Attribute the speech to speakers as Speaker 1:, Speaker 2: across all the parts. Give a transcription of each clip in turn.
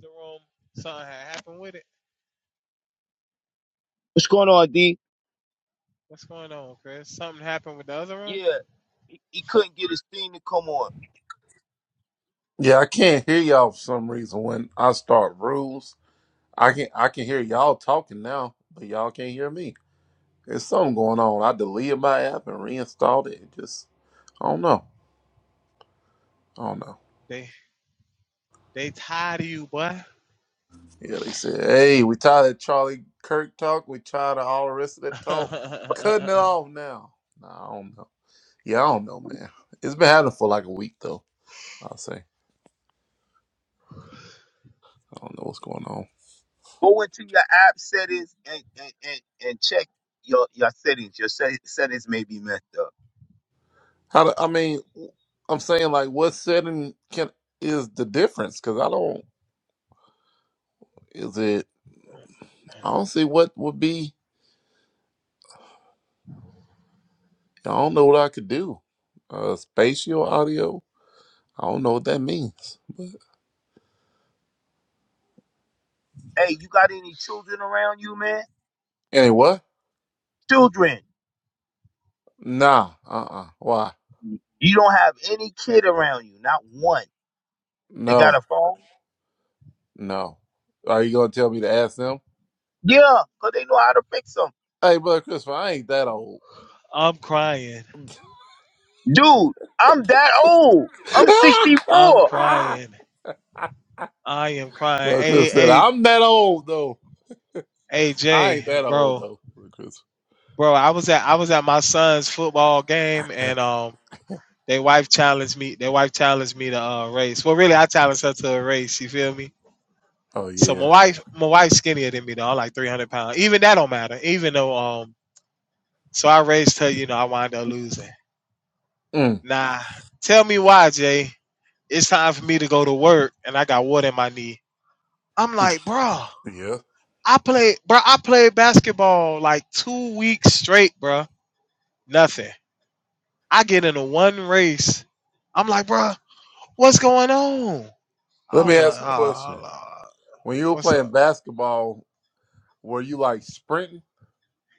Speaker 1: the room. Something had happened with it.
Speaker 2: What's going on, D?
Speaker 1: What's going on, Chris? Something happened with the other room.
Speaker 2: Yeah, he, he couldn't get his thing to come on.
Speaker 3: Yeah, I can't hear y'all for some reason when I start rules. I can I can hear y'all talking now, but y'all can't hear me. There's something going on. I deleted my app and reinstalled it. It just I don't know. I don't know.
Speaker 1: They they tired of you, boy.
Speaker 3: Yeah, they said, hey, we tired of Charlie Kirk talk. We tired of all the rest of that talk. Cutting it off now. Nah, I don't know. Yeah, I don't know, man. It's been happening for like a week though. I'll say. I don't know what's going on.
Speaker 2: Go into your app settings and and, and, and check your your settings. Your set, settings may be messed up.
Speaker 3: How do I mean? I'm saying like, what setting can is the difference? Because I don't. Is it? I don't see what would be. I don't know what I could do. Uh, spatial audio. I don't know what that means.
Speaker 2: Hey, you got any children around you, man?
Speaker 3: Anyway,
Speaker 2: Children.
Speaker 3: nah. Uh. uh Why?
Speaker 2: You don't have any kid around you, not one. They got
Speaker 3: No.
Speaker 2: a phone?
Speaker 3: No. Are you gonna tell me to ask them?
Speaker 2: Yeah, because they know how to fix them.
Speaker 3: Hey, brother Christopher, I ain't that old.
Speaker 1: I'm crying.
Speaker 2: Dude, I'm that old. I'm
Speaker 1: I'm
Speaker 2: 64.
Speaker 1: crying. I am crying.
Speaker 3: brother Chris said,
Speaker 1: A A
Speaker 3: "I'm that old though.
Speaker 1: A
Speaker 3: I
Speaker 1: J,
Speaker 3: ain't that old
Speaker 1: bro,
Speaker 3: though." Brother Chris.
Speaker 1: bro. I was at I was at my son's football game, and um, their wife challenged me. Their wife challenged me to uh, race. Well, really, I challenged her to a race. You feel me?
Speaker 3: oh
Speaker 1: So my
Speaker 3: yeah.
Speaker 1: wife, my wife's skinnier than me though. I'm like 300 pounds. Even that don't matter. Even though um, So I raised her, you know, I wound up losing.
Speaker 3: Mm,
Speaker 1: Nah, tell me why, Jay. It's time for me to go to work and I got water in my knee. I'm like, bro,
Speaker 3: yeah.
Speaker 1: I played bro, I played basketball like two weeks straight, bro. Nothing. I get into one race. I'm like, bro, what's going on?
Speaker 3: Let me
Speaker 1: I'm like,
Speaker 3: ask a question.
Speaker 1: oh, Lord,
Speaker 3: When you were
Speaker 1: what's
Speaker 3: playing
Speaker 1: up?
Speaker 3: basketball, were you like sprinting,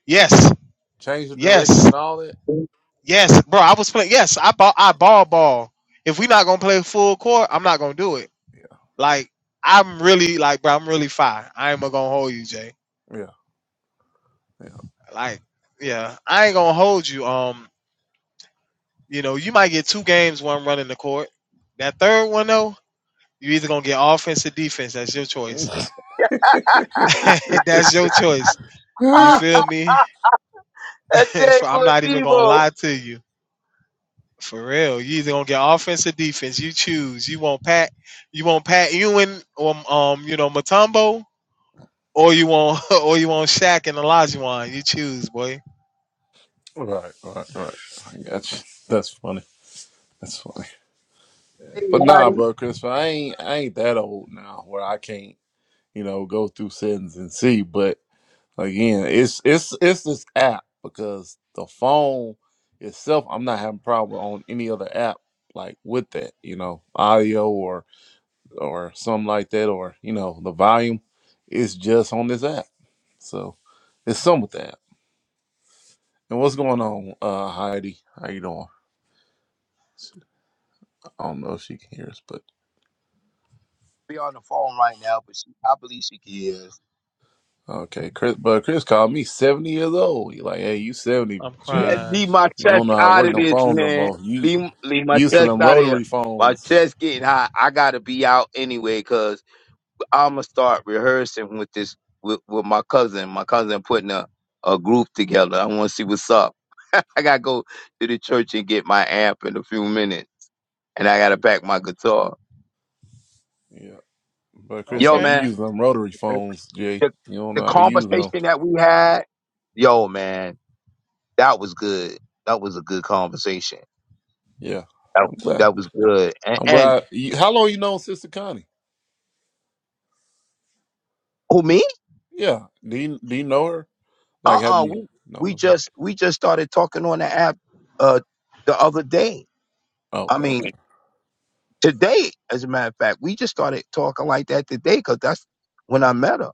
Speaker 1: Yes,
Speaker 3: change the direction
Speaker 1: yes,
Speaker 3: and all that?
Speaker 1: yes, bro. I was playing. Yes, I ball, I ball, ball. If we
Speaker 3: Oh,
Speaker 1: not gonna play full court, I'm not gonna do it.
Speaker 3: yeah,
Speaker 1: Like I'm really like, bro, I'm really fine. I ain't gonna hold you, Jay.
Speaker 3: yeah,
Speaker 1: Like, yeah, I ain't gonna hold you. Um, you know, you might get two games when I'm running the court. That third one though, you either gonna get offense or defense. That's your
Speaker 3: yeah.
Speaker 1: choice. That's your choice. You
Speaker 2: Ah,
Speaker 3: right,
Speaker 1: feel me?
Speaker 2: ah, that's it,
Speaker 1: For, I'm
Speaker 2: good
Speaker 1: not even gonna
Speaker 2: Debo.
Speaker 1: lie to you. For real, you either gonna get offense or defense. You choose. You want Pat. You want Pat Ewan or um, you know, Matumbo, or you want or you want Shaq and Olajuwon. You choose, boy.
Speaker 3: right, right. I got you. That's funny. That's funny.
Speaker 2: Hey,
Speaker 3: But
Speaker 2: Roddy.
Speaker 3: nah, bro, Chris, I ain't, I ain't that old now where I can't, you know, go through settings and see. But again, it's it's it's this app because the phone itself, I'm not having problem on any other app like with that, you know, audio or or something like that, or you know, the volume. It's just on this app, so it's some with that. And what's going on, uh, Heidi? How you doing? I don't know if she can hear us, but
Speaker 2: be on the phone right now, but she, I believe she can hear us.
Speaker 3: okay. Chris, but Chris called me seventy years old. He like, hey, you seventy,
Speaker 1: I'm
Speaker 2: Yeah,
Speaker 3: Jay?
Speaker 1: crying.
Speaker 2: Leave my
Speaker 3: You don't
Speaker 2: chest
Speaker 3: know how to
Speaker 2: out
Speaker 3: work
Speaker 2: of
Speaker 3: them
Speaker 2: this,
Speaker 3: phones no
Speaker 2: man.
Speaker 3: more. You
Speaker 2: Leave, leave my
Speaker 3: used to
Speaker 2: chest
Speaker 3: them
Speaker 2: out of here.
Speaker 3: rotary
Speaker 2: My
Speaker 3: phones.
Speaker 2: chest getting hot. I gotta be out anyway, cause I'ma start rehearsing with this with, with my cousin. My cousin putting a, a group together. I want to see what's up. I gotta go to the church and get my amp in a few minutes, and I gotta pack my guitar.
Speaker 3: Yeah, but Chris
Speaker 2: Yo,
Speaker 3: like
Speaker 1: Okay.
Speaker 3: you
Speaker 2: man,
Speaker 3: use them rotary phones, Jay.
Speaker 2: the,
Speaker 3: You don't know
Speaker 2: the
Speaker 3: how to use them.
Speaker 2: conversation that we had. Yo, man, That was good. That was a good conversation.
Speaker 3: Yeah,
Speaker 2: That,
Speaker 3: I'm glad.
Speaker 2: that was good. And,
Speaker 3: I'm
Speaker 2: and
Speaker 3: glad. You, how long you known Sister Connie?
Speaker 2: who me?
Speaker 3: Yeah. Do you do you know her?
Speaker 2: Uh
Speaker 3: Like, have
Speaker 2: uh
Speaker 3: you
Speaker 2: We
Speaker 3: known
Speaker 2: we
Speaker 3: of her?
Speaker 2: just we just started talking on the app uh the other day. I
Speaker 3: Okay,
Speaker 2: mean
Speaker 3: okay,
Speaker 2: today, as a matter of fact, we just started talking like that today because that's when I met her.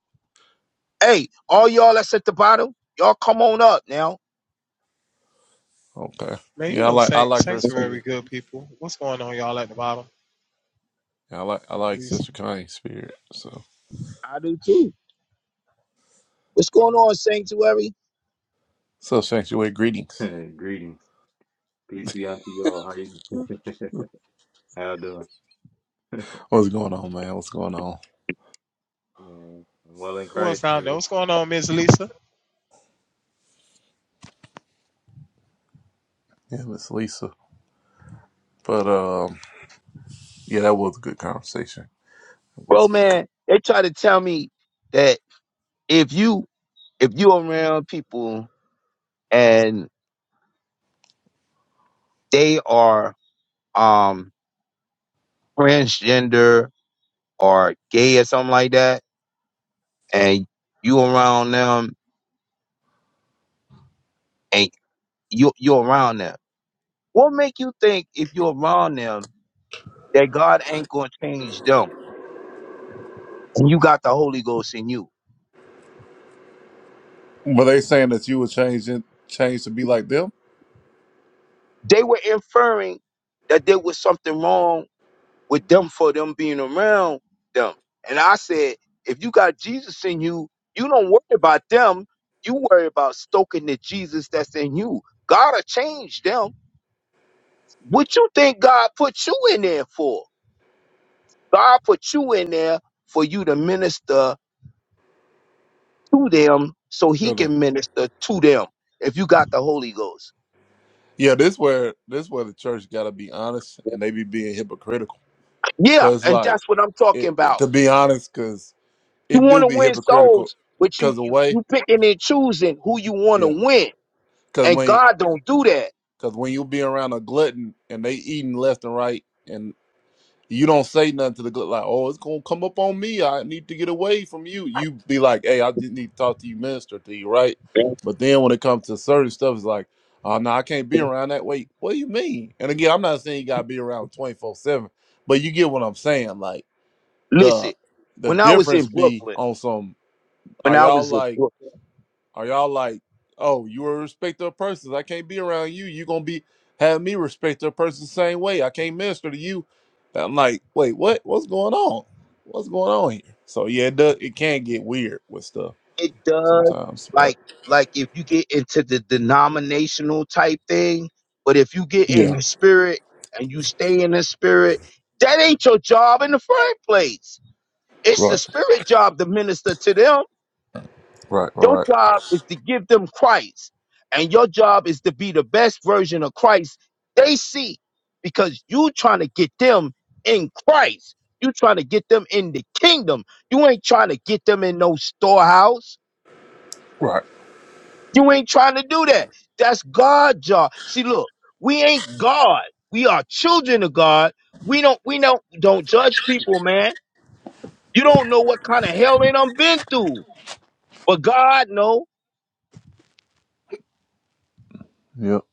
Speaker 2: Hey, all y'all that's at the bottom, y'all come on up now.
Speaker 3: okay.
Speaker 1: Man, you
Speaker 3: Yeah, I
Speaker 1: know
Speaker 3: like I
Speaker 1: san-
Speaker 3: like her spirit.
Speaker 1: Sanctuary good people. What's going on, y'all, at the bottom?
Speaker 3: I like I like
Speaker 1: Miss Lisa.
Speaker 3: Sister Connie's spirit. So
Speaker 2: I do too. What's going on, Sanctuary?
Speaker 3: so sanctuary greetings.
Speaker 4: Greetings. Peace be unto you all. How you how you doing?
Speaker 3: What's going on, man? What's going on?
Speaker 4: Man, I'm well in
Speaker 1: Who else
Speaker 4: Christ,
Speaker 1: down there?
Speaker 4: brother.
Speaker 1: What's going on, Miss Lisa?
Speaker 3: Yeah, Miss Lisa. But um, yeah, that was a good conversation. It was
Speaker 2: Bro,
Speaker 3: good.
Speaker 2: man, they try to tell me that if you if you around people and they are um transgender or gay or something like that, and you around them and you you're around them. What make you think if you're around them that God ain't gonna change them and you got the Holy Ghost in you?
Speaker 3: Were they saying that you would change in, change to be like them?
Speaker 2: They were inferring that there was something wrong with them for them being around them. And I said, if you got Jesus in you, you don't worry about them. You worry about stoking the Jesus that's in you. God'll change them What you think God put you in there for? God put you in there for you to minister to them so he
Speaker 3: Tell them.
Speaker 2: can minister to them if you got the Holy Ghost.
Speaker 3: Yeah, this where this where the church got to be honest, and they be being hypocritical.
Speaker 2: Yeah,
Speaker 3: Cause
Speaker 2: and
Speaker 3: like
Speaker 2: that's what I'm talking
Speaker 3: it, it-
Speaker 2: about.
Speaker 3: to be honest, cause
Speaker 2: You
Speaker 3: it
Speaker 2: want
Speaker 3: do
Speaker 2: to
Speaker 3: be
Speaker 2: win
Speaker 3: hypocritical.
Speaker 2: souls, but you
Speaker 3: Cause the
Speaker 2: you
Speaker 3: way,
Speaker 2: you picking and choosing who you want to
Speaker 3: yeah.
Speaker 2: win.
Speaker 3: Cause
Speaker 2: And
Speaker 3: when
Speaker 2: God don't do that.
Speaker 3: cause when you be around a glutton and they eating left and right, You don't say nothing to the good like, oh, it's gonna come up on me. I need to get away from you. You be like, hey, I just need to talk to you, minister to you, right? But then when it comes to certain stuff, it's like, oh no, I can't be around that. Wait, what do you mean? And again, I'm not saying you gotta be around 24 seven, but you get what I'm saying. Like the
Speaker 2: Listen,
Speaker 3: the
Speaker 2: when I was
Speaker 3: difference
Speaker 2: in
Speaker 3: be
Speaker 2: Brooklyn,
Speaker 3: on some.
Speaker 2: when
Speaker 3: Are
Speaker 2: I
Speaker 3: y'all
Speaker 2: was in
Speaker 3: like?
Speaker 2: Brooklyn.
Speaker 3: Are y'all like, oh, you are a respecter of persons. I can't be around you. you gonna be having me respect a person the same way. I can't minister to you. And I'm like, wait, what? What's going on? What's going on here? So yeah, it does it can get weird with stuff
Speaker 2: it does
Speaker 3: sometimes. But
Speaker 2: like like if you get into the denominational type thing but if you get in
Speaker 3: yeah,
Speaker 2: the spirit and you stay in the spirit that ain't your job in the first place it's the
Speaker 3: right,
Speaker 2: spirit job to minister to them
Speaker 3: right, all
Speaker 2: your
Speaker 3: right,
Speaker 2: job is to give them christ and your job is to be the best version of christ they see because you trying to get them in christ you trying to get them in the kingdom you ain't trying to get them in no storehouse
Speaker 3: right, right.
Speaker 2: You ain't trying to do that. That's God's job. See, look, we ain't God. We are children of God. We don't we don't don't judge people, man. You don't know what kind of hell they done been through. But God know.
Speaker 3: Yep.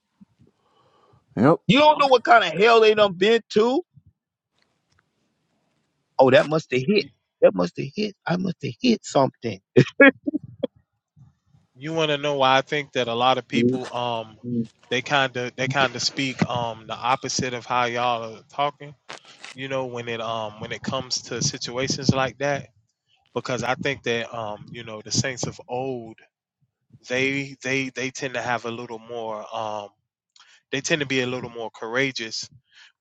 Speaker 3: Yep.
Speaker 2: You don't know what kind of hell they done been to. Oh, that must have hit.
Speaker 1: You,
Speaker 2: That must have hit. I must have hit something.
Speaker 1: you want to know why I think that a lot of people, um, they kind of they kind of speak um the opposite of how y'all are talking. You know, when it um when it comes to situations like that, because I think that um you know the saints of old they they they tend to have a little more um they tend to be a little more courageous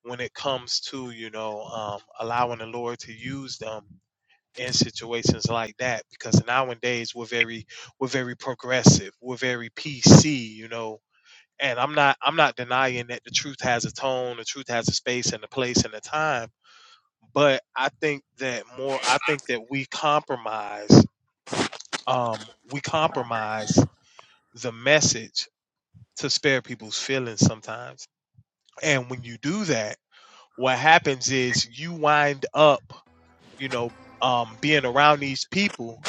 Speaker 1: when it comes to you know um, allowing the Lord to use them in situations like that because nowadays we're very we're very progressive we're very PC you know and I'm not I'm not denying that the truth has a tone the truth has a space and a place and a time but I think that more I think that we compromise um, we compromise the message to spare people's feelings sometimes and when you do that what happens is you wind up you know, um, being around these people,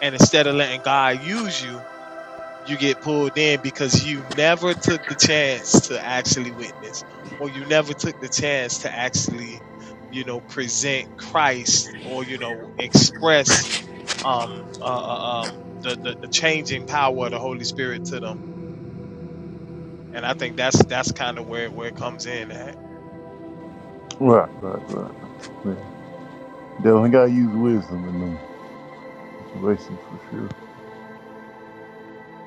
Speaker 1: and instead of letting God use you, you get pulled in because you never took the chance to actually witness, or you never took the chance to actually, you know, present Christ or you know express um, uh, uh, um, the, the the changing power of the Holy Spirit to them. And I think that's that's kind of where where it comes in at.
Speaker 3: Right, right, right. Yeah. Definitely gotta use wisdom in them situations for sure.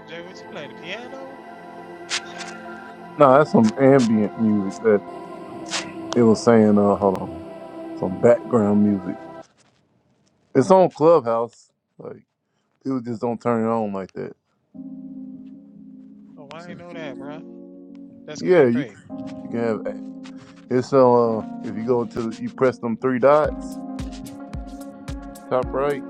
Speaker 1: Jay, what you playing the piano?
Speaker 3: No, that's some ambient music that
Speaker 1: Oh,
Speaker 3: it was saying, uh, hold on. Some background music. It's on Clubhouse. Like people just don't turn it on like that.
Speaker 1: oh,
Speaker 3: You
Speaker 1: I
Speaker 3: see?
Speaker 1: ain't know that, bro. That's
Speaker 3: Yeah,
Speaker 1: cray
Speaker 3: you
Speaker 1: cray.
Speaker 3: you can have it's uh if you go to you press them three dots top right,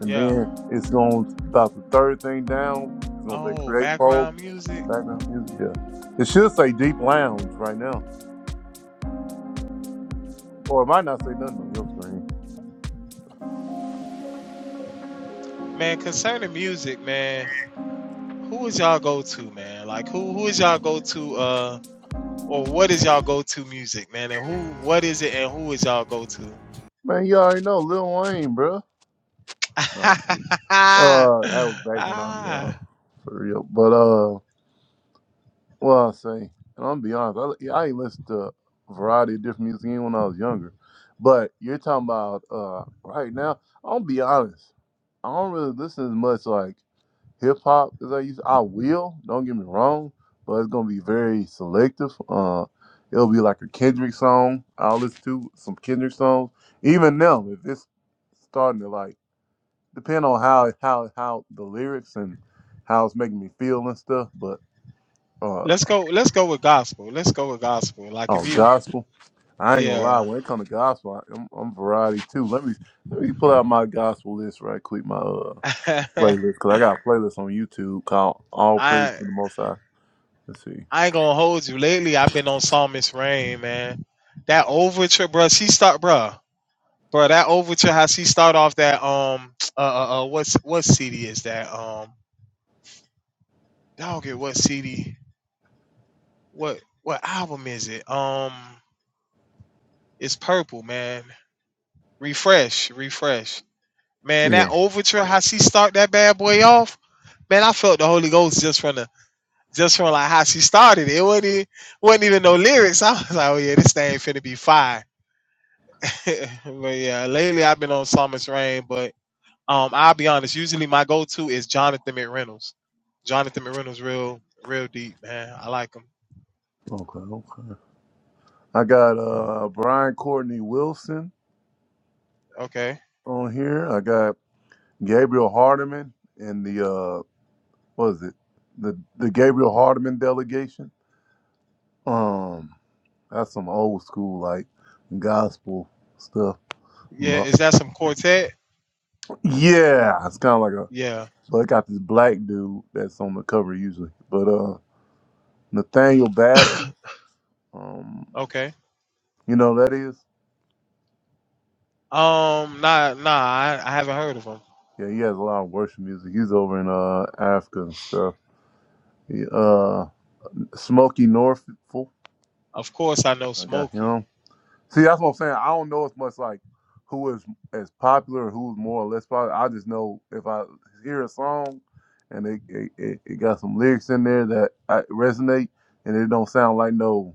Speaker 3: and
Speaker 1: Yeah.
Speaker 3: then it's going to about the third thing down. It's gonna say
Speaker 1: Oh,
Speaker 3: create folk
Speaker 1: background music,
Speaker 3: background music. Yeah, it should say deep lounge right now, or it might not say nothing on your screen.
Speaker 1: man. Concerning music, man, who is y'all go to, man? Like, who who is y'all go to, uh, or what is y'all go to music, man? And who, what is it, and who is y'all go to?
Speaker 3: Man, you already know Lil Wayne, bro. No, I'm kidding. Uh, that was back when I was
Speaker 1: ah,
Speaker 3: young, for real. But uh. Well, I say, and I'm gonna be honest, I, yeah, I ain't listened to a variety of different music even when I was younger. But you're talking about uh, right now, i will be honest, I don't really listen as much like hip hop as I used I will, don't get me wrong, but it's gonna be very selective. Uh, it'll be like a Kendrick song. I'll listen to some Kendrick songs. Even them, if it's starting to like depend on how how how the lyrics and how it's making me feel and stuff, but uh,
Speaker 1: let's go. Let's go with gospel. Let's go with gospel. Like,
Speaker 3: on
Speaker 1: if you,
Speaker 3: gospel. I ain't gonna lie.
Speaker 1: yeah,
Speaker 3: When it come to gospel, I- I'm, I'm variety too. Let me let me pull out my gospel list right quick, my uh playlist, because I got a playlist on YouTube called "All Praise
Speaker 1: I
Speaker 3: to the Most High." Let's see.
Speaker 1: I ain't gonna hold you. Lately, I've been on Psalmist Rain, man. That overture, bruh. She start, bruh. Bro, that overture how she start off that um uh, uh uh what's what CD is that um I don't get what CD what what album is it um it's purple man refresh refresh man that
Speaker 3: Yeah.
Speaker 1: overture how she start that bad boy off man I felt the Holy Ghost just from the just from like how she started it It wasn't even, wasn't even no lyrics I was like oh yeah this thing finna be fire but yeah lately I've been on Summer's Rain but Um, I'll be honest. Usually, my go-to is Jonathan McReynolds. Jonathan McReynolds, real, real deep, man. I like him.
Speaker 3: Okay. Okay. I got uh Brian Courtney Wilson
Speaker 1: Okay.
Speaker 3: on here. I got Gabriel Hardiman and the uh what is it the the Gabriel Hardiman delegation. Um, that's some old school like gospel stuff.
Speaker 1: Yeah.
Speaker 3: Mo-
Speaker 1: Is that some quartet?
Speaker 3: Yeah, it's kind of like a
Speaker 1: Yeah.
Speaker 3: So it got this black dude that's on the cover usually. But uh Nathaniel Bassey, um,
Speaker 1: okay.
Speaker 3: you know who that is?
Speaker 1: Um. Nah. Nah. I, I haven't heard of him.
Speaker 3: Yeah, he has a lot of worship music. He's over in uh Africa and stuff. He, uh Smokey Norfolk.
Speaker 1: Of course, I know
Speaker 3: I got
Speaker 1: Smokey.
Speaker 3: him. See, that's what I'm saying. I don't know as much like who is as popular who's more or less popular. I just know if I hear a song and it it, it, it got some lyrics in there that I resonate and it don't sound like no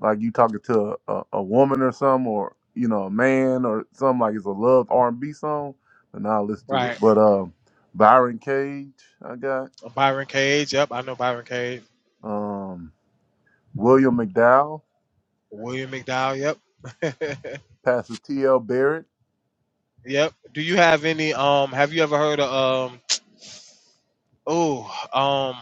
Speaker 3: like you talking to a, a, a woman or something, or you know, a man or something like it's a love R and B song, but now I listen to it.
Speaker 1: Right.
Speaker 3: But um, Byron Cage, I got
Speaker 1: Byron Cage. Yep. I know Byron Cage.
Speaker 3: um William McDowell,
Speaker 1: William McDowell. Yep.
Speaker 3: Pastor T. L. Barrett.
Speaker 1: yep. Do you have any? Um. Have you ever heard of? Um. Oh. Um.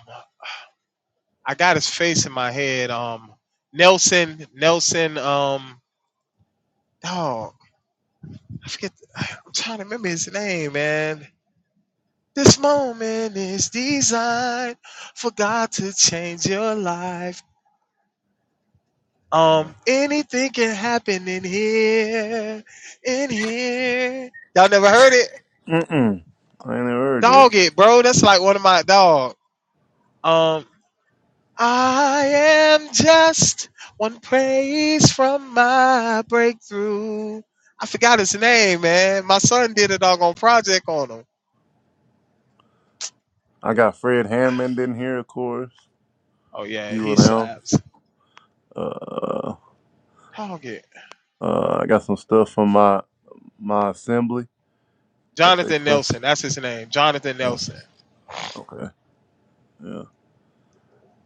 Speaker 1: I got his face in my head. Um. Nelson. Nelson. Um. Oh, I forget. I'm trying to remember his name, man. This moment is designed for God to change your life.
Speaker 3: No.
Speaker 1: Um, anything can happen in here, in here. Y'all never heard it?
Speaker 3: Mm-mm. I ain't never heard it.
Speaker 1: Dog it, bro. That's like one of my dog. Um, I am just one praise from my breakthrough. I forgot his name, man. My son did a doggone project on him.
Speaker 3: I got Fred Hammond in here, of course.
Speaker 1: Oh yeah,
Speaker 3: You
Speaker 1: he
Speaker 3: and them.
Speaker 1: slaps.
Speaker 3: Uh,
Speaker 1: I don't get
Speaker 3: uh, I got some stuff from my my assembly that they
Speaker 1: Jonathan
Speaker 3: play.
Speaker 1: Nelson. That's his name, Jonathan
Speaker 3: Yeah.
Speaker 1: Nelson.
Speaker 3: Okay. Yeah.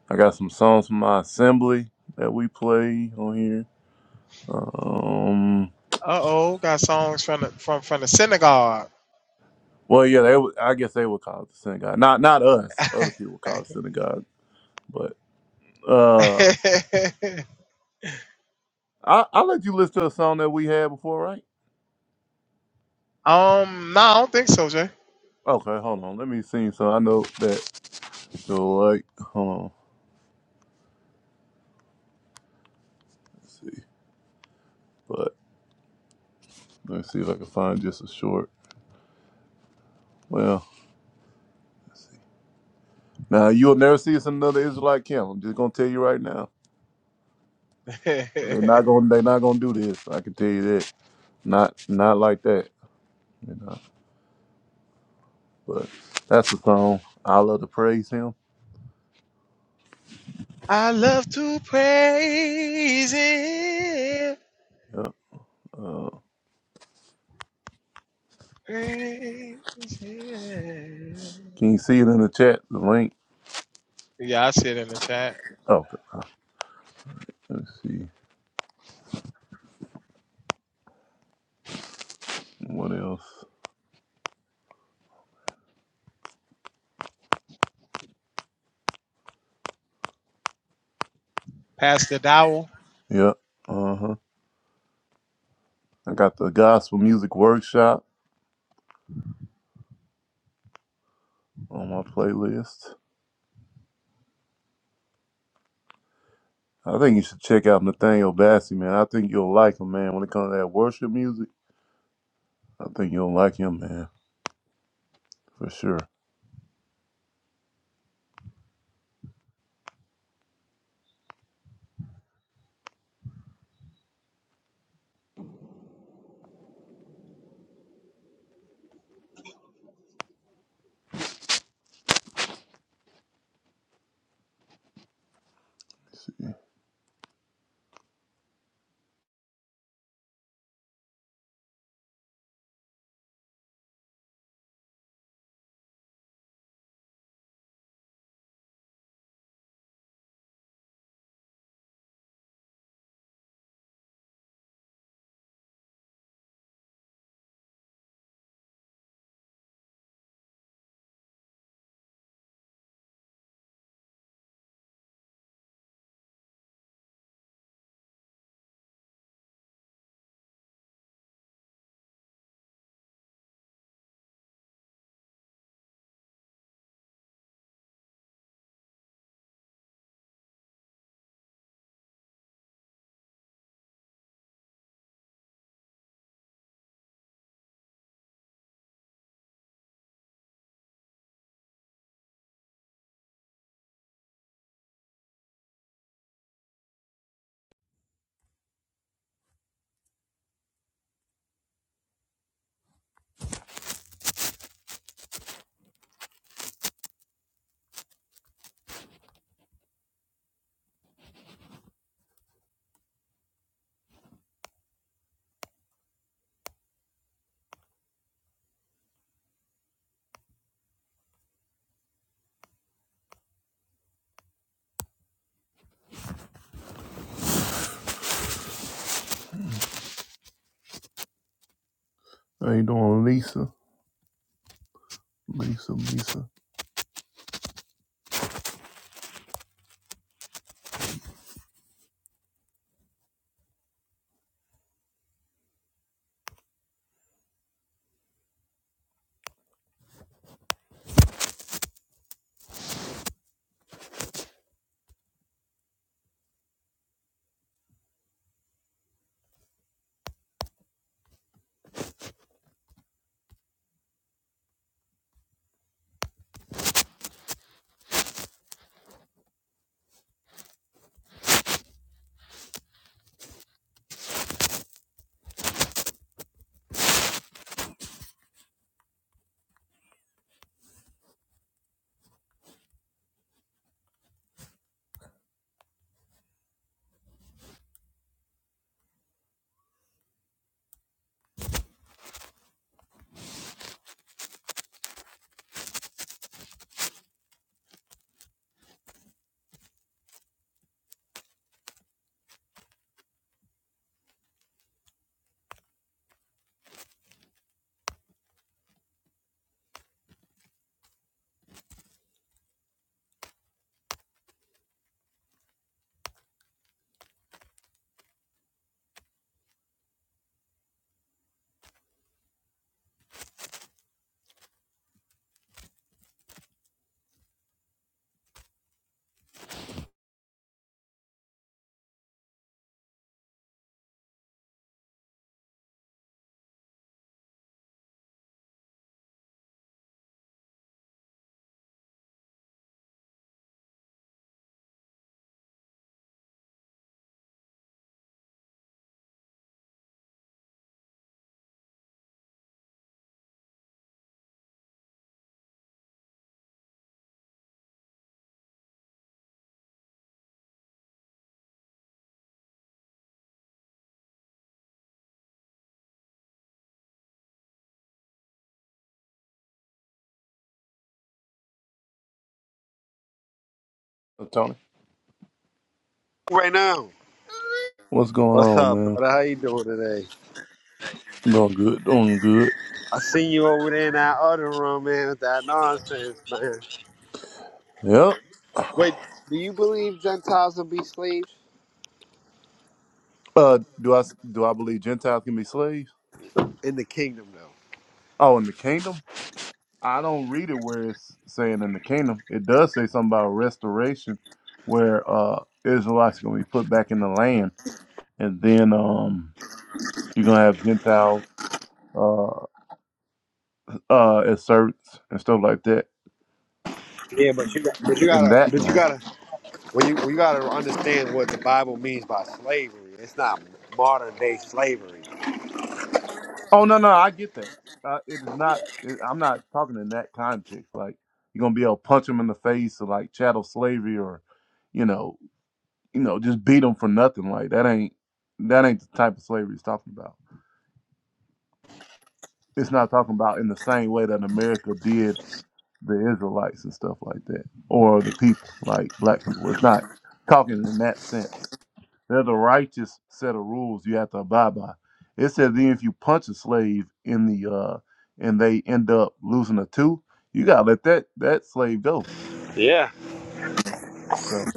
Speaker 3: I got some songs from my assembly that we play on here. Um,
Speaker 1: Uh oh, got songs from the, from from the synagogue.
Speaker 3: well, yeah, they would. I guess they would call it the synagogue. Not not us. Other people call it synagogue. But uh, I I let you listen to a song that we had before, right?
Speaker 1: um, no, I don't think so, Jay.
Speaker 3: Okay, hold on. Let me see. So I know that you'll like. Hold on. Let's see. But let me see if I can find just a short. Well, let's see. Now you'll never see us in another Israelite camp. I'm just gonna tell you right now. They're not gonna. They're not gonna do this. I can tell you that. Not not like that. you know. But that's the song. I love to praise him.
Speaker 1: I love to praise him,
Speaker 3: Yeah, uh,
Speaker 1: praise him.
Speaker 3: can you see it in the chat? The link.
Speaker 1: Yeah, I see it in the chat.
Speaker 3: Okay. Let's see what else.
Speaker 1: Pastor Dowell.
Speaker 3: Yeah. Uh huh. I got the gospel music workshop on my playlist. I think you should check out Nathaniel Bassey, man. I think you'll like him, man. When it comes to that worship music, I think you'll like him, man, for sure. Let's see. How you doing, Lisa? Lisa, Lisa. Uh, Tony.
Speaker 5: right now.
Speaker 3: What's going
Speaker 5: What's
Speaker 3: on,
Speaker 5: up,
Speaker 3: man?
Speaker 5: brother? How you doing today?
Speaker 3: Doing good, doing good.
Speaker 5: I seen you over there in that other room, man, with that nonsense, man.
Speaker 3: Yep.
Speaker 5: Wait, do you believe Gentiles will be slaves
Speaker 3: Uh, do I s- do I believe Gentiles can be slaves?
Speaker 5: in the kingdom, though?
Speaker 3: Oh, in the kingdom, I don't read it where it's saying in the kingdom. It does say something about restoration, where uh Israelites are gonna be put back in the land, and then um you're gonna have Gentiles uh uh as servants and stuff like that.
Speaker 5: Yeah, but you, got, but you
Speaker 3: In
Speaker 5: gotta,
Speaker 3: that
Speaker 5: but you
Speaker 3: man.
Speaker 5: gotta, when you, you gotta understand what the Bible means by slavery. It's not modern day slavery.
Speaker 3: Oh no no, I get that. Uh, it is not. It, I'm not talking in that context. Like you're gonna be able to punch them in the face or like chattel slavery or, you know, you know, just beat them for nothing. Like that ain't that ain't the type of slavery it's talking about. It's not talking about in the same way that America did the Israelites and stuff like that, or the people, like black people. It's not talking in that sense. There's a righteous set of rules you have to abide by. It says then if you punch a slave in the uh and they end up losing a tooth, you gotta let that that slave go. So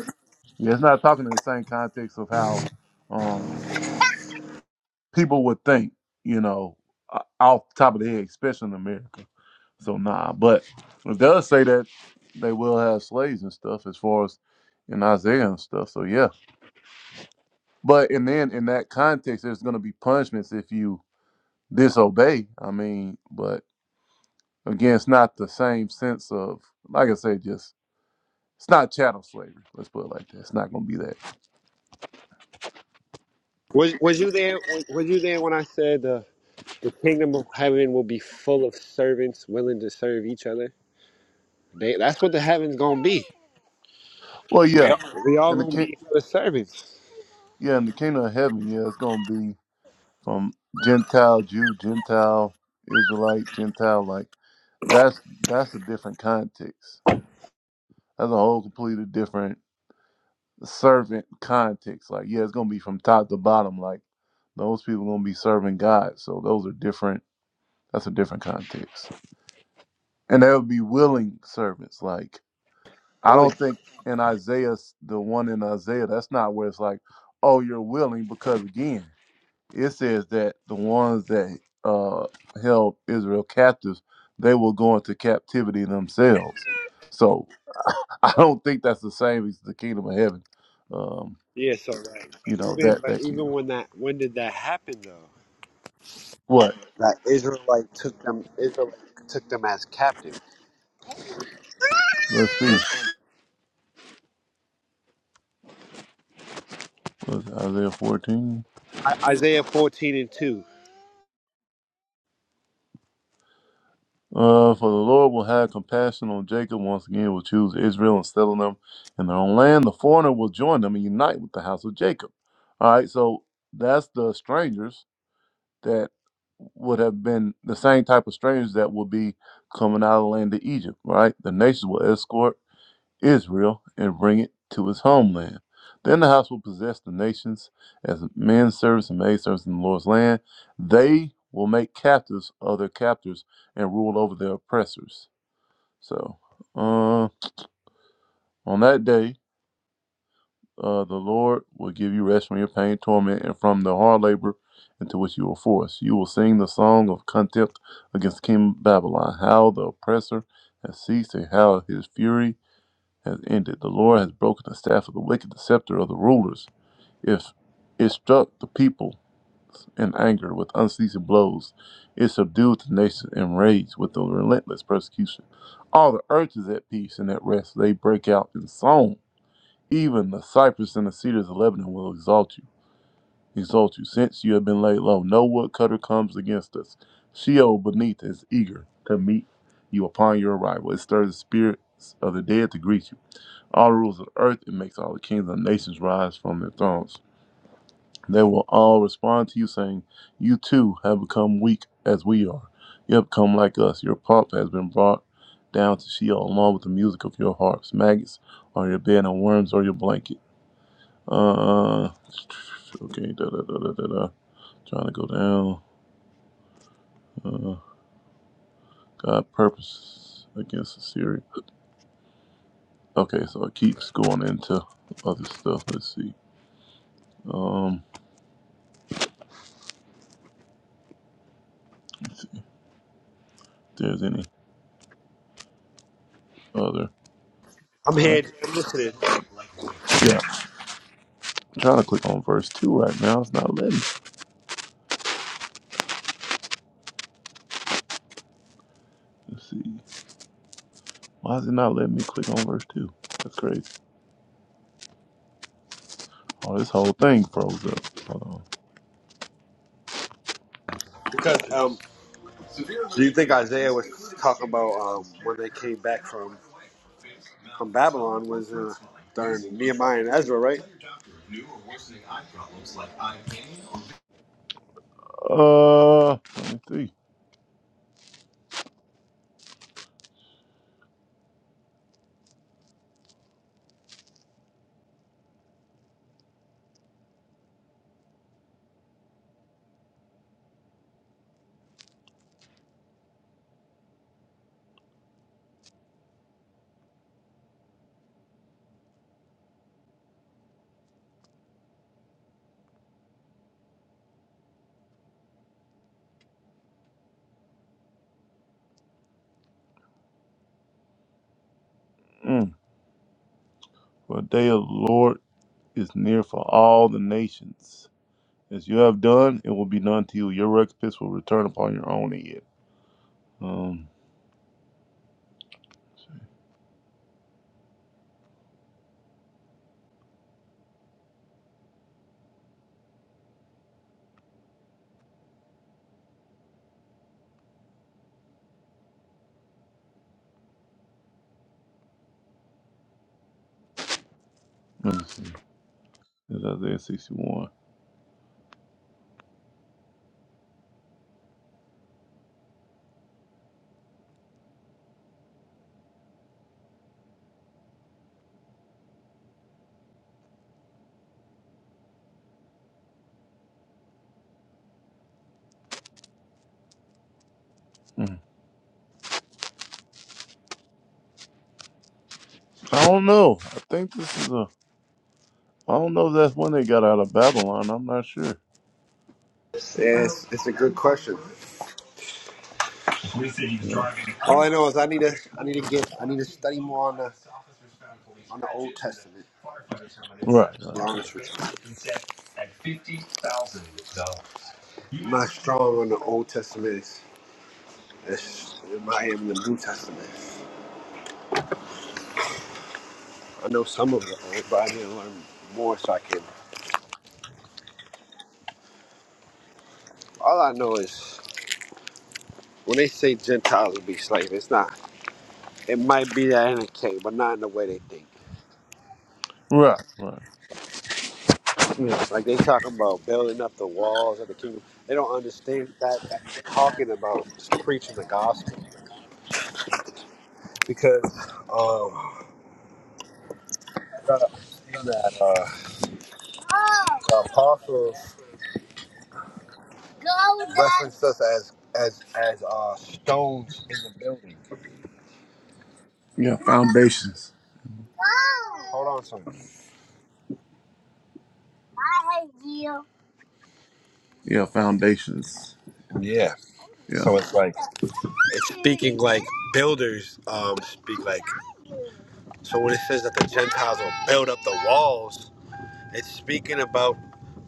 Speaker 3: yeah, it's not talking in the same context of how um people would think, you know, uh, off the top of the head, especially in America. So nah, but it does say that they will have slaves and stuff as far as in Isaiah and stuff. So yeah. But and then in that context there's gonna be punishments if you disobey. I mean, but again it's not the same sense of like I say, just it's not chattel slavery. Let's put it like that. It's not gonna be that.
Speaker 5: Was was you there? Was, was you there when I said the the kingdom of heaven will be full of servants willing to serve each other? They, that's what the heaven's gonna be.
Speaker 3: Well
Speaker 5: We
Speaker 3: yeah,
Speaker 5: all, we all
Speaker 3: in the
Speaker 5: gonna
Speaker 3: king
Speaker 5: be each other's servants.
Speaker 3: yeah, in the kingdom of heaven, yeah, it's gonna be from Gentile Jew, Gentile Israelite, Gentile like that's that's a different context. That's a whole completely different servant context. Like yeah, it's gonna be from top to bottom. Like those people gonna be serving God. So those are different. That's a different context. And they would be willing servants. Like I
Speaker 5: Really?
Speaker 3: don't think in Isaiah the one in Isaiah that's not where it's like oh you're willing because again it says that the ones that uh, held Israel captives, they will go into captivity themselves. So I don't think that's the same as the kingdom of heaven. Um,
Speaker 5: Yeah, so like
Speaker 3: you know
Speaker 5: even
Speaker 3: that
Speaker 5: but
Speaker 3: that
Speaker 5: even
Speaker 3: kingdom.
Speaker 5: when that when did that happen though?
Speaker 3: What?
Speaker 5: That Israelite took them Israel took them as captives.
Speaker 3: Let's see. What's Isaiah fourteen?
Speaker 5: I, Isaiah fourteen and two.
Speaker 3: Uh, for the Lord will have compassion on Jacob once again. Will choose Israel and settle them in their own land. The foreigner will join them and unite with the house of Jacob. All right. So that's the strangers that would have been the same type of strangers that would be coming out of the land of Egypt, right? The nations will escort Israel and bring it to its homeland. Then the house will possess the nations as men servants and maid servants in the Lord's land. They will make captives of their captors and rule over their oppressors. So, uh, on that day, Uh, the Lord will give you rest from your pain, torment, and from the hard labor into which you were forced. You will sing the song of contempt against King Babylon, how the oppressor has ceased and how his fury has ended. The Lord has broken the staff of the wicked, the scepter of the rulers. If it struck the people in anger with unceasing blows, it subdued the nations in rage with the relentless persecution. All the earth is at peace and at rest. They break out in song even the cypress and the cedars of Lebanon will exalt you, exalt you, since you have been laid low. No woodcutter comes against us. Sheol beneath is eager to meet you upon your arrival. It stirs the spirits of the dead to greet you. All the rulers of the earth, it makes all the kings and nations rise from their thrones. They will all respond to you, saying, You too have become weak as we are. You have become like us. Your pomp has been brought down to Sheol, along with the music of your harps. Maggots are your bed, and worms are your blanket. Uh, okay, da da da da da da. Trying to go down. Uh, God purpose against Assyria. Okay, so it keeps going into other stuff. Let's see. Um, let's see if there's any other.
Speaker 5: I'm
Speaker 3: Can I?
Speaker 5: here I'm listening.
Speaker 3: Yeah, I'm trying to click on verse two right now. It's not letting. me. Let's see. Why is it not letting me click on verse two? That's crazy. Oh, this whole thing froze up. Hold
Speaker 5: Because um do you think Isaiah was talking about um when they came back from from Babylon was uh during Nehemiah and Ezra, right?
Speaker 3: on. Uh, let me see. Mm. For the day of the Lord is near for all the nations. As you have done, it will be done to you. Your recompense will return upon your own head. Um, let me see. It's Isaiah 61. Mm. I don't know. I think this is a. I don't know if that's when they got out of Babylon. I'm not sure.
Speaker 5: Yeah, it's, it's a good question.
Speaker 3: Yeah.
Speaker 5: All I know is I need to I need to get I need to study more on the on the Old Testament.
Speaker 3: Right.
Speaker 5: to be
Speaker 3: Right.
Speaker 5: honest with you. I'm not strong on the Old Testament. It's, I am the New Testament. I know some of it, right, but I need to learn more so I can. All I know is when they say Gentiles will be slaves, it's not. It might be that in a case, but not in the way they think.
Speaker 3: Right. Right. Yeah.
Speaker 5: Like they talk about building up the walls of the kingdom. They don't understand that. that talking about preaching the gospel because um, you gotta understand that uh, the apostles reference us as as as uh, stones in the building.
Speaker 3: Yeah. Foundations.
Speaker 5: Hold on son. I hate you.
Speaker 3: Yeah. Foundations.
Speaker 5: Yeah.
Speaker 3: Yeah.
Speaker 5: So it's like it's speaking like builders um speak like so when it says that the Gentiles will build up the walls, it's speaking about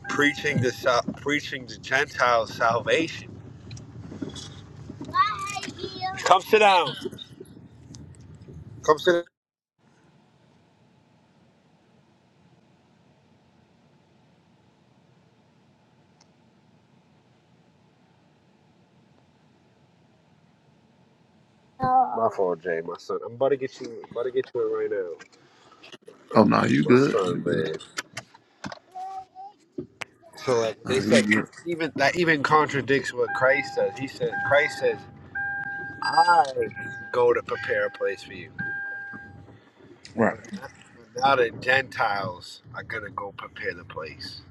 Speaker 5: preaching the sal- preaching the Gentiles salvation. Come sit down. Come sit down. My fault, Jay. My son. I'm about to get you. About to get you in right now.
Speaker 3: Oh no, you
Speaker 5: My
Speaker 3: good? You
Speaker 5: son,
Speaker 3: good?
Speaker 5: man. So like they
Speaker 3: Nah, you
Speaker 5: said,
Speaker 3: good?
Speaker 5: 'cause even that even contradicts what Christ says. He said Christ says I go to prepare a place for you.
Speaker 3: Right.
Speaker 5: But not, but now the Gentiles are gonna go prepare the place.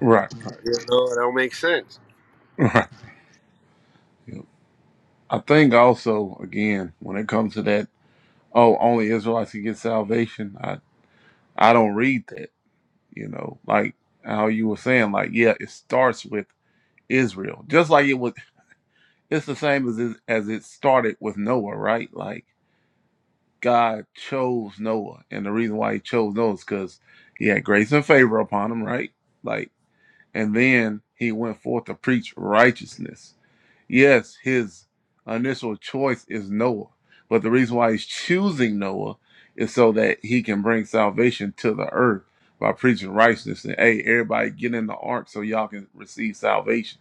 Speaker 3: Right. Right.
Speaker 5: You know, it don't make sense.
Speaker 3: Right. Yep. I think also again when it comes to that. Oh, only Israelites can get salvation. I. I don't read that, you know, like how you were saying, like, yeah, it starts with Israel. Just like it was it's the same as it, as it started with Noah, right? Like God chose Noah, and the reason why he chose Noah is because he had grace and favor upon him, right? Like, and then he went forth to preach righteousness Yes, his initial choice is Noah, but the reason why he's choosing Noah is so that he can bring salvation to the earth by preaching righteousness and hey, everybody get in the ark so y'all can receive salvation.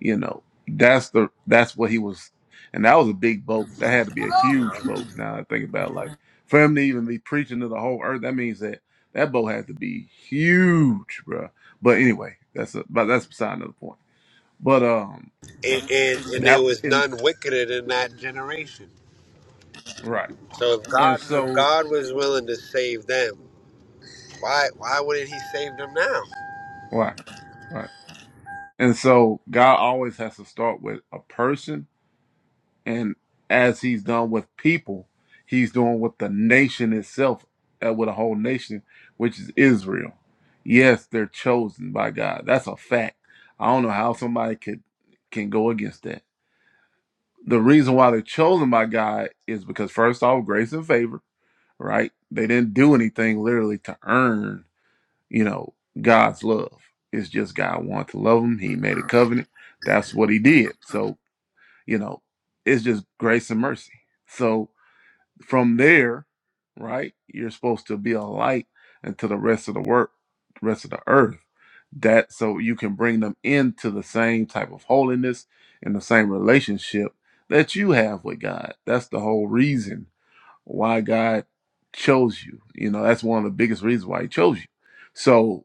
Speaker 3: You know, that's the that's what he was, and that was a big boat. That had to be a
Speaker 5: And,
Speaker 3: huge boat. Now I think about like for him to even be preaching to the whole earth, that means that that boat had to be huge, bruh. But anyway, that's a, but that's beside another point. But um,
Speaker 5: and and there
Speaker 3: that
Speaker 5: was
Speaker 3: in
Speaker 5: none wickeder than that generation.
Speaker 3: right.
Speaker 5: So if
Speaker 3: And
Speaker 5: God if
Speaker 3: so,
Speaker 5: God was willing to save them, why why wouldn't He save them now?
Speaker 3: right, right. And so, God always has to start with a person, and as He's done with people, He's doing with the nation itself, uh, with a whole nation, which is Israel. Yes, they're chosen by God. That's a fact. I don't know how somebody could can go against that. The reason why they're chosen by God is because first off, grace and favor. Right? They didn't do anything literally to earn you know, God's love. It's just God wanted to love him. He made a covenant. That's what he did. So, you know, it's just grace and mercy. So from there, right, you're supposed to be a light unto the rest of the work, rest of the earth. That so you can bring them into the same type of holiness and the same relationship that you have with God. That's the whole reason why God chose you. You know, that's one of the biggest reasons why he chose you. So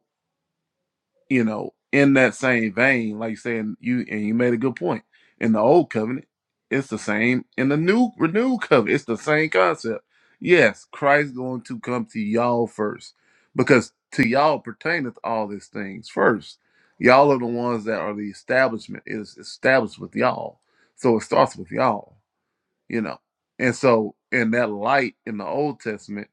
Speaker 3: you know, in that same vein, like saying you and you made a good point. In the old covenant, it's the same. In the new renewed covenant, it's the same concept. Yes, Christ going to come to y'all first, because to y'all pertaineth all these things first. Y'all are the ones that are the establishment It is established with y'all. So it starts with y'all, you know. And so in that light in the Old Testament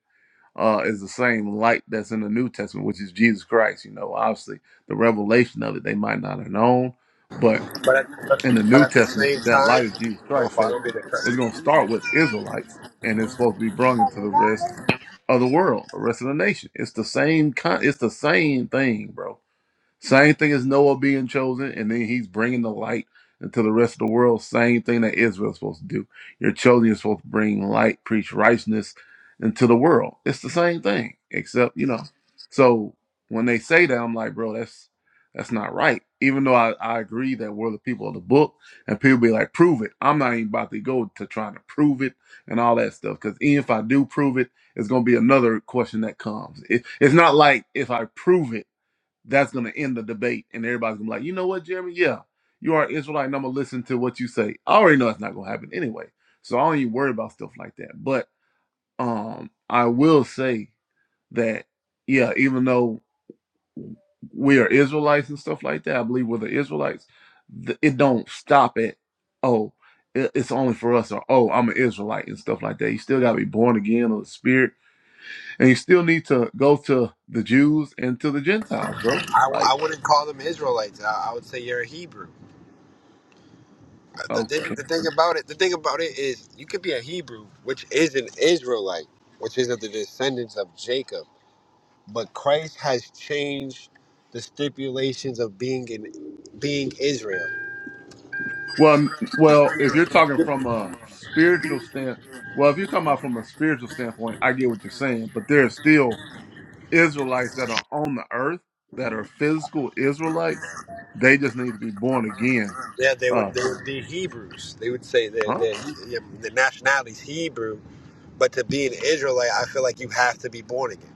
Speaker 3: uh, is the same light that's in the New Testament, which is Jesus Christ. You know, obviously the revelation of it they might not have known, but
Speaker 5: But at, but,
Speaker 3: in the
Speaker 5: but
Speaker 3: New
Speaker 5: at the
Speaker 3: Testament,
Speaker 5: same
Speaker 3: that light is
Speaker 5: time,
Speaker 3: Jesus
Speaker 5: well,
Speaker 3: Christ.
Speaker 5: I
Speaker 3: So
Speaker 5: don't get
Speaker 3: it's going to
Speaker 5: it.
Speaker 3: start with Israelites, and it's supposed to be brought into the rest of the world, the rest of the nation. It's the same kind. It's the same thing, bro. Same thing as Noah being chosen, and then he's bringing the light into the rest of the world. Same thing that Israel's supposed to do. Your children are supposed to bring light, preach righteousness into the world. It's the same thing, except you know. So when they say that, I'm like, bro, that's that's not right. Even though I, I agree that we're the people of the book, and people be like, prove it. I'm not even about to go to trying to prove it and all that stuff. Because even if I do prove it, it's gonna be another question that comes. It, it's not like if I prove it that's going to end the debate. And everybody's going to be like, you know what, Jeremy? Yeah, you are an Israelite, and I'm going to listen to what you say. I already know it's not going to happen anyway. So I don't even worry about stuff like that. But um, I will say that, yeah, even though we are Israelites and stuff like that, I believe we're the Israelites, it don't stop at, oh, it's only for us, or oh, I'm an Israelite and stuff like that. You still got to be born again of the Spirit, and you still need to go to the Jews and to the Gentiles, bro.
Speaker 5: I,
Speaker 3: Like,
Speaker 5: I wouldn't call them Israelites. I, I would say you're a Hebrew. The thing,
Speaker 3: okay.
Speaker 5: the thing about it, the thing about it is, you could be a Hebrew, which is an Israelite, which is of the descendants of Jacob. But Christ has changed the stipulations of being in being Israel.
Speaker 3: Well, m- well, if you're talking from a spiritual stand, well, if you're talking about from a spiritual standpoint, I get what you're saying. But there are still Israelites that are on the earth that are physical Israelites. They just need to be born again.
Speaker 5: Yeah, they would they
Speaker 3: Us,
Speaker 5: would be Hebrews. They would say that
Speaker 3: huh?
Speaker 5: their their their nationality is Hebrew, but to be an Israelite, I feel like you have to be born again.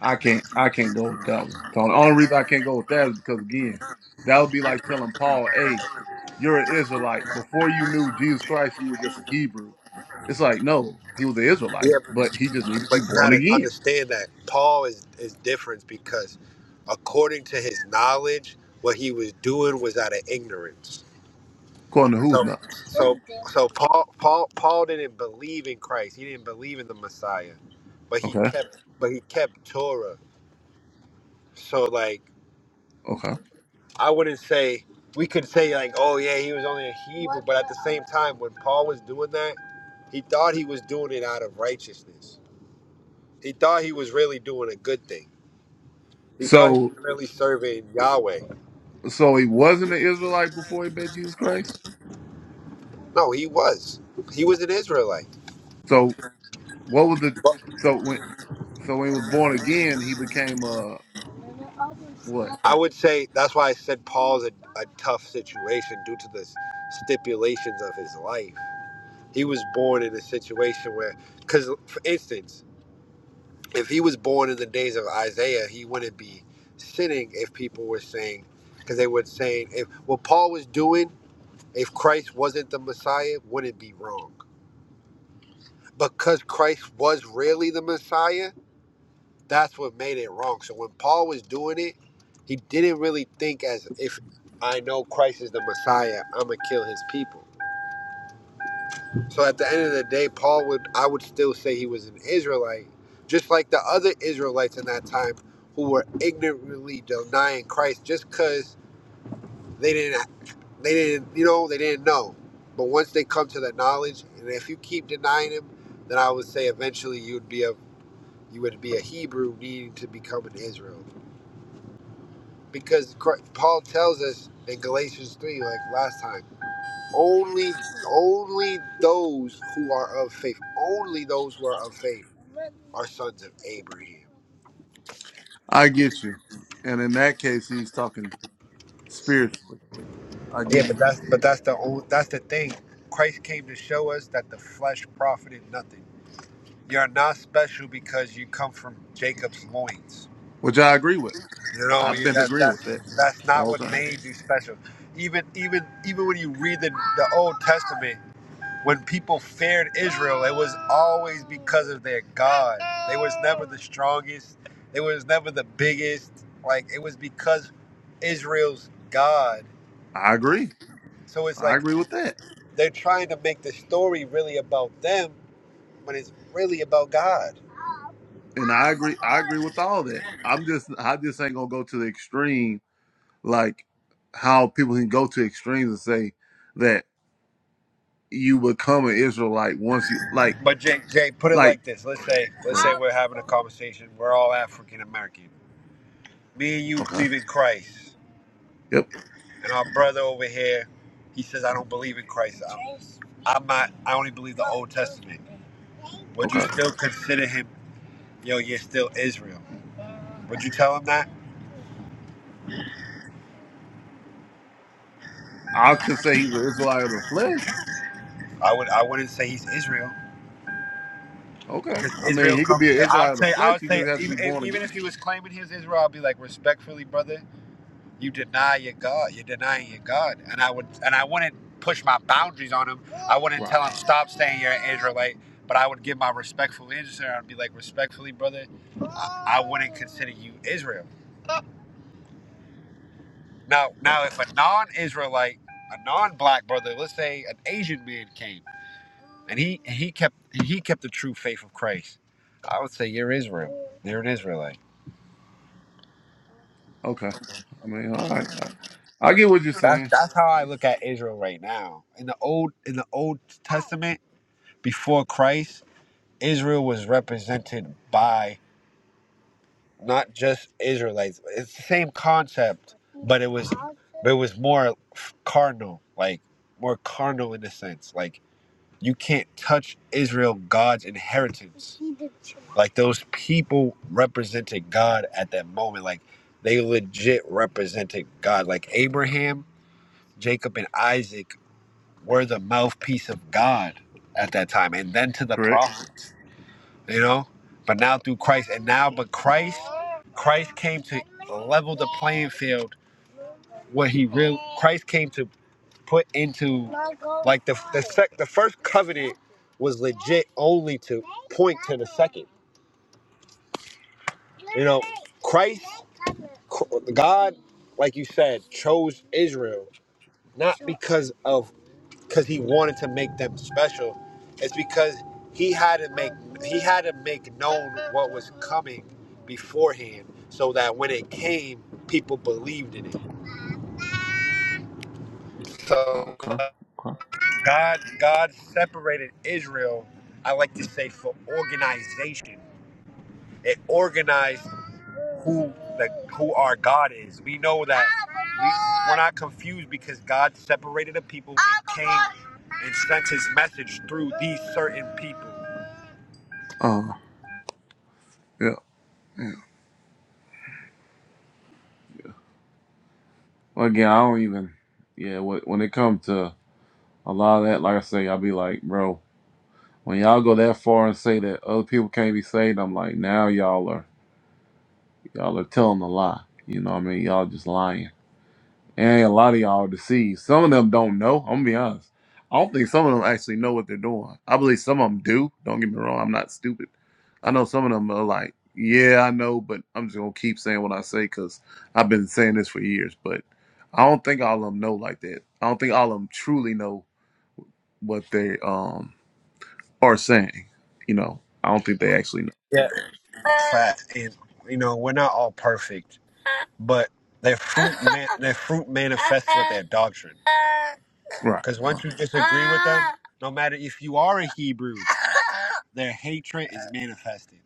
Speaker 3: I can't, I can't go with that one. So the only reason I can't go with that is because again, that would be like telling Paul, "Hey, you're an Israelite. Before you knew Jesus Christ, you were just a Hebrew." It's like no, he was an Israelite,
Speaker 5: Yeah.
Speaker 3: but he just needed to be
Speaker 5: But you
Speaker 3: born
Speaker 5: got to
Speaker 3: again,
Speaker 5: understand that Paul is, is different because, according to his knowledge, what he was doing was out of ignorance.
Speaker 3: according to who's
Speaker 5: So,
Speaker 3: not.
Speaker 5: so, so Paul, Paul, Paul didn't believe in Christ. He didn't believe in the Messiah, but he
Speaker 3: Okay.
Speaker 5: kept, but he kept Torah. So, like,
Speaker 3: Okay.
Speaker 5: I wouldn't say we could say like, oh yeah, he was only a Hebrew, but at the same time, when Paul was doing that, he thought he was doing it out of righteousness. He thought he was really doing a good thing He thought he
Speaker 3: So
Speaker 5: was really serving Yahweh.
Speaker 3: so he wasn't an Israelite before he met Jesus Christ?
Speaker 5: No, he was. He was an Israelite.
Speaker 3: So what was the
Speaker 5: But
Speaker 3: so when so when he was born again he became uh what?
Speaker 5: I would say that's why I said Paul's a, a tough situation due to the stipulations of his life. He was born in a situation where, because for instance, if he was born in the days of Isaiah, he wouldn't be sinning if people were saying, because they were saying if what Paul was doing, if Christ wasn't the Messiah, wouldn't be wrong. Because Christ was really the Messiah, That's what made it wrong. So when Paul was doing it, he didn't really think as if I know Christ is the Messiah, I'm gonna kill his people. So at the end of the day, Paul would I would still say he was an Israelite, just like the other Israelites in that time who were ignorantly denying Christ just because they didn't they didn't you know they didn't know. But once they come to that knowledge, and if you keep denying him, then I would say eventually you would be a you would be a Hebrew needing to become an Israel. because Cr- Paul tells us in Galatians three, like last time, only only those who are of faith, only those who are of faith, are sons of Abraham.
Speaker 3: I get you. And in that case, he's talking spiritually. I
Speaker 5: Yeah,
Speaker 3: get
Speaker 5: but
Speaker 3: you,
Speaker 5: that's but that's the old, that's the thing. Christ came to show us that the flesh profited nothing. You're not special because you come from Jacob's loins.
Speaker 3: which I agree with.
Speaker 5: You know
Speaker 3: I've
Speaker 5: you-
Speaker 3: been
Speaker 5: that
Speaker 3: agreeing with that
Speaker 5: that's that's
Speaker 3: the
Speaker 5: not
Speaker 3: whole
Speaker 5: what
Speaker 3: time.
Speaker 5: made you special. Even even even when you read the, the Old Testament. when people feared Israel, it was always because of their God. They was never the strongest. They was never the biggest. Like it was because Israel's God.
Speaker 3: I agree.
Speaker 5: So it's
Speaker 3: I
Speaker 5: like
Speaker 3: agree with that.
Speaker 5: they're trying to make the story really about them when it's really about God.
Speaker 3: And I agree I agree with all that. I'm just I just ain't gonna go to the extreme like how people can go to extremes and say that you become an Israelite once you like
Speaker 5: But Jay, Jay, put it
Speaker 3: like
Speaker 5: like this. Let's say, let's
Speaker 3: go
Speaker 5: say
Speaker 3: ahead.
Speaker 5: we're having a conversation. We're all African American. Me and you
Speaker 3: Okay.
Speaker 5: believe in Christ.
Speaker 3: Yep.
Speaker 5: And our brother over here, he says, I don't believe in Christ. I'm, I'm not, I only believe the Old Testament. Would you
Speaker 3: Okay.
Speaker 5: still consider him, yo, you're still Israel? Would you tell him that?
Speaker 3: I could say he's an Israelite of the flesh.
Speaker 5: I would. I wouldn't say he's Israel
Speaker 3: Okay.
Speaker 5: because
Speaker 3: I
Speaker 5: Israel
Speaker 3: mean he could
Speaker 5: comes.
Speaker 3: be an Israelite
Speaker 5: I'd
Speaker 3: of the
Speaker 5: say. I
Speaker 3: flesh,
Speaker 5: would
Speaker 3: he
Speaker 5: say
Speaker 3: just has to be
Speaker 5: even,
Speaker 3: born
Speaker 5: even if
Speaker 3: again.
Speaker 5: he was claiming he's Israel, I'd be like, respectfully, brother. you deny your God. You're denying your God. And I would and I wouldn't push my boundaries on him. I wouldn't
Speaker 3: Right.
Speaker 5: tell him stop saying you're an Israelite. But I would give my respectful answer. I'd be like, respectfully, brother, I, I wouldn't consider you Israel. Now, now,
Speaker 3: Okay.
Speaker 5: if a non-Israelite, a non-black brother, let's say an Asian man came and he he kept he kept the true faith of Christ, I would say you're Israel. You're an Israelite.
Speaker 3: Okay. I mean, all right. I, I get what you're
Speaker 5: That's
Speaker 3: saying.
Speaker 5: that's how I look at Israel right now. In the old in the Old Testament before Christ, Israel was represented by not just Israelites. It's the same concept, but it was but it was more carnal, like more carnal in a sense. Like you can't touch Israel, God's inheritance. Like those people represented God at that moment. Like they legit represented God. Like Abraham, Jacob, and Isaac were the mouthpiece of God at that time, and then to the
Speaker 3: Correct.
Speaker 5: prophets you know but now through christ and now but christ christ came to level the playing field what he real christ came to put into like the the, sec, the first covenant was legit only to point to the second you know christ god like you said chose israel not because of because he wanted to make them special. It's because he had to make he had to make known what was coming beforehand, so that when it came, people believed in it.
Speaker 3: Oh,
Speaker 5: So
Speaker 3: okay. Okay.
Speaker 5: God God separated Israel. I like to say for organization. It organized who the who our God is. We know that we, we're not confused because God separated the people and came and sent His message through these certain people.
Speaker 3: Uh yeah. yeah. Well, again, I don't even yeah, when when it comes to a lot of that, like I say, I'll be like, bro, when y'all go that far and say that other people can't be saved, I'm like, now y'all are. Y'all are telling a lie. You know what I mean? Y'all just lying. And a lot of y'all are deceived. Some of them don't know. I'm gonna be honest. I don't think some of them actually know what they're doing. I believe some of them do. Don't get me wrong. I'm not stupid. I know some of them are like, yeah, I know, but I'm just gonna keep saying what I say because I've been saying this for years. But I don't think all of them know like that. I don't think all of them truly know what they um are saying. You know, I don't think they actually know.
Speaker 5: Yeah. fat and you know we're not all perfect but their fruit man their fruit manifests with their doctrine
Speaker 3: Right.
Speaker 5: because once you disagree with them no matter if you are a hebrew their hatred is manifested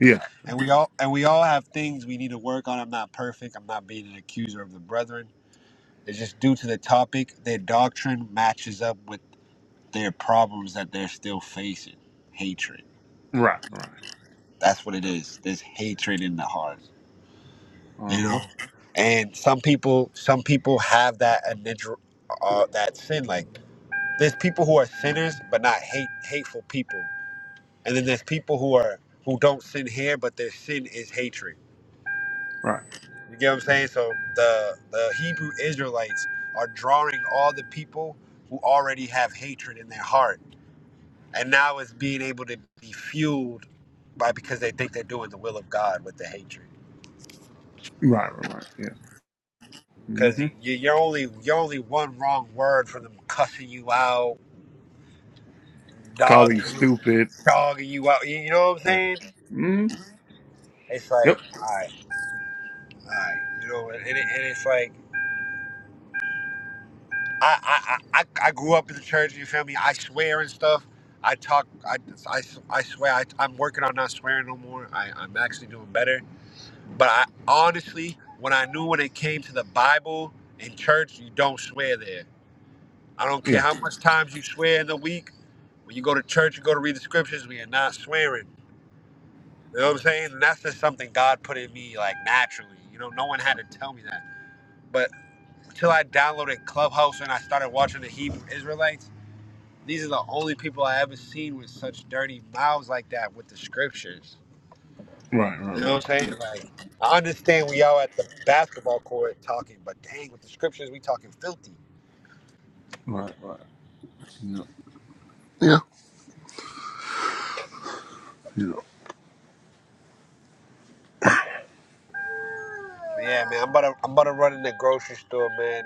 Speaker 3: Yeah.
Speaker 5: and we all and we all have things we need to work on i'm not perfect i'm not being an accuser of the brethren it's just due to the topic their doctrine matches up with their problems that they're still facing hatred
Speaker 3: Right. Right.
Speaker 5: that's what it is there's hatred in the heart
Speaker 3: Uh
Speaker 5: you know
Speaker 3: huh.
Speaker 5: and some people some people have that initial uh, that sin like there's people who are sinners but not hate hateful people and then there's people who are who don't sin here but their sin is hatred
Speaker 3: Right.
Speaker 5: you get what i'm saying so the the hebrew israelites are drawing all the people who already have hatred in their heart and now it's being able to be fueled by because they think they're doing the will of god with the hatred
Speaker 3: Right. Right. Right.
Speaker 5: Because
Speaker 3: hmm
Speaker 5: you, you're only you're only one wrong word from them cussing you out,
Speaker 3: Call you
Speaker 5: dogging you,
Speaker 3: stupid.
Speaker 5: dogging you out. You, you know what I'm
Speaker 3: Yeah.
Speaker 5: saying?
Speaker 3: hmm
Speaker 5: It's
Speaker 3: Yep.
Speaker 5: like, all right, all right, you know, and, it, and it's like, I, I, I, I I grew up in the church. You feel me? I swear and stuff. I talk. I, I, I swear. I, I'm working on not swearing no more. I, I'm actually doing better. But I honestly, when I knew when it came to the Bible in church, you don't swear there I don't care
Speaker 3: Yeah.
Speaker 5: how much times you swear in the week. When you go to church, you go to read the scriptures, we are not swearing. You know what I'm saying? And that's just something God put in me like naturally. You know, no one had to tell me that. But until I downloaded Clubhouse and I started watching the Hebrew Israelites, these are the only people I ever seen with such dirty mouths like that with the scriptures.
Speaker 3: Right. Right.
Speaker 5: You know
Speaker 3: Right.
Speaker 5: what I'm
Speaker 3: Yeah.
Speaker 5: saying? Like I understand we all at the basketball court talking, but dang, with the scriptures we talking filthy.
Speaker 3: Right. Right. Yeah. Yeah. Yeah.
Speaker 5: But yeah, man, I'm about to I'm about to run in the grocery store, man.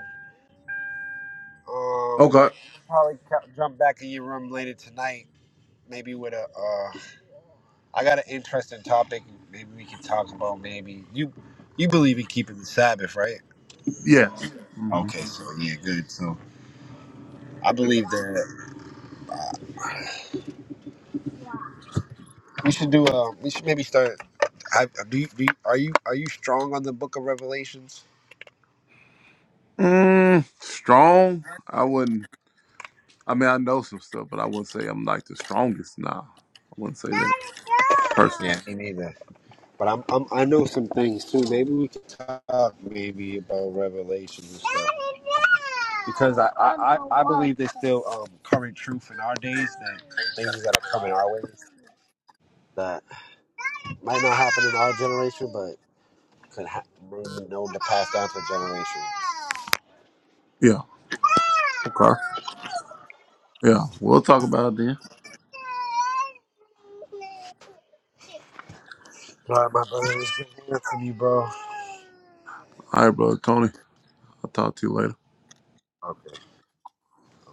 Speaker 5: Um,
Speaker 3: Okay.
Speaker 5: probably ca- jump back in your room later tonight. Maybe with a, uh, I got an interesting topic. Maybe we can talk about. Maybe you, you believe in keeping the Sabbath, right?
Speaker 3: Yes. hmm
Speaker 5: Okay, so yeah, good. So I believe that we should do. Uh, we should maybe start. I, do, you, do you, are you are you strong on the Book of Revelations?
Speaker 3: Mm, strong. I wouldn't. I mean, I know some stuff, but I wouldn't say I'm like the strongest now. I wouldn't say that personally.
Speaker 5: Yeah, me neither. But I'm, I'm I know some things too. Maybe we can talk maybe about Revelation and stuff. Because I, I, I I believe there's still um, current truth in our days that things that are coming our way that might not happen in our generation, but could ha- maybe known to pass down for generations.
Speaker 3: Yeah. Okay. Yeah. We'll talk about it then.
Speaker 5: All right, my brother, it's good hearing from you, bro.
Speaker 3: All right, brother Tony. I'll talk to you later.
Speaker 5: Okay. okay.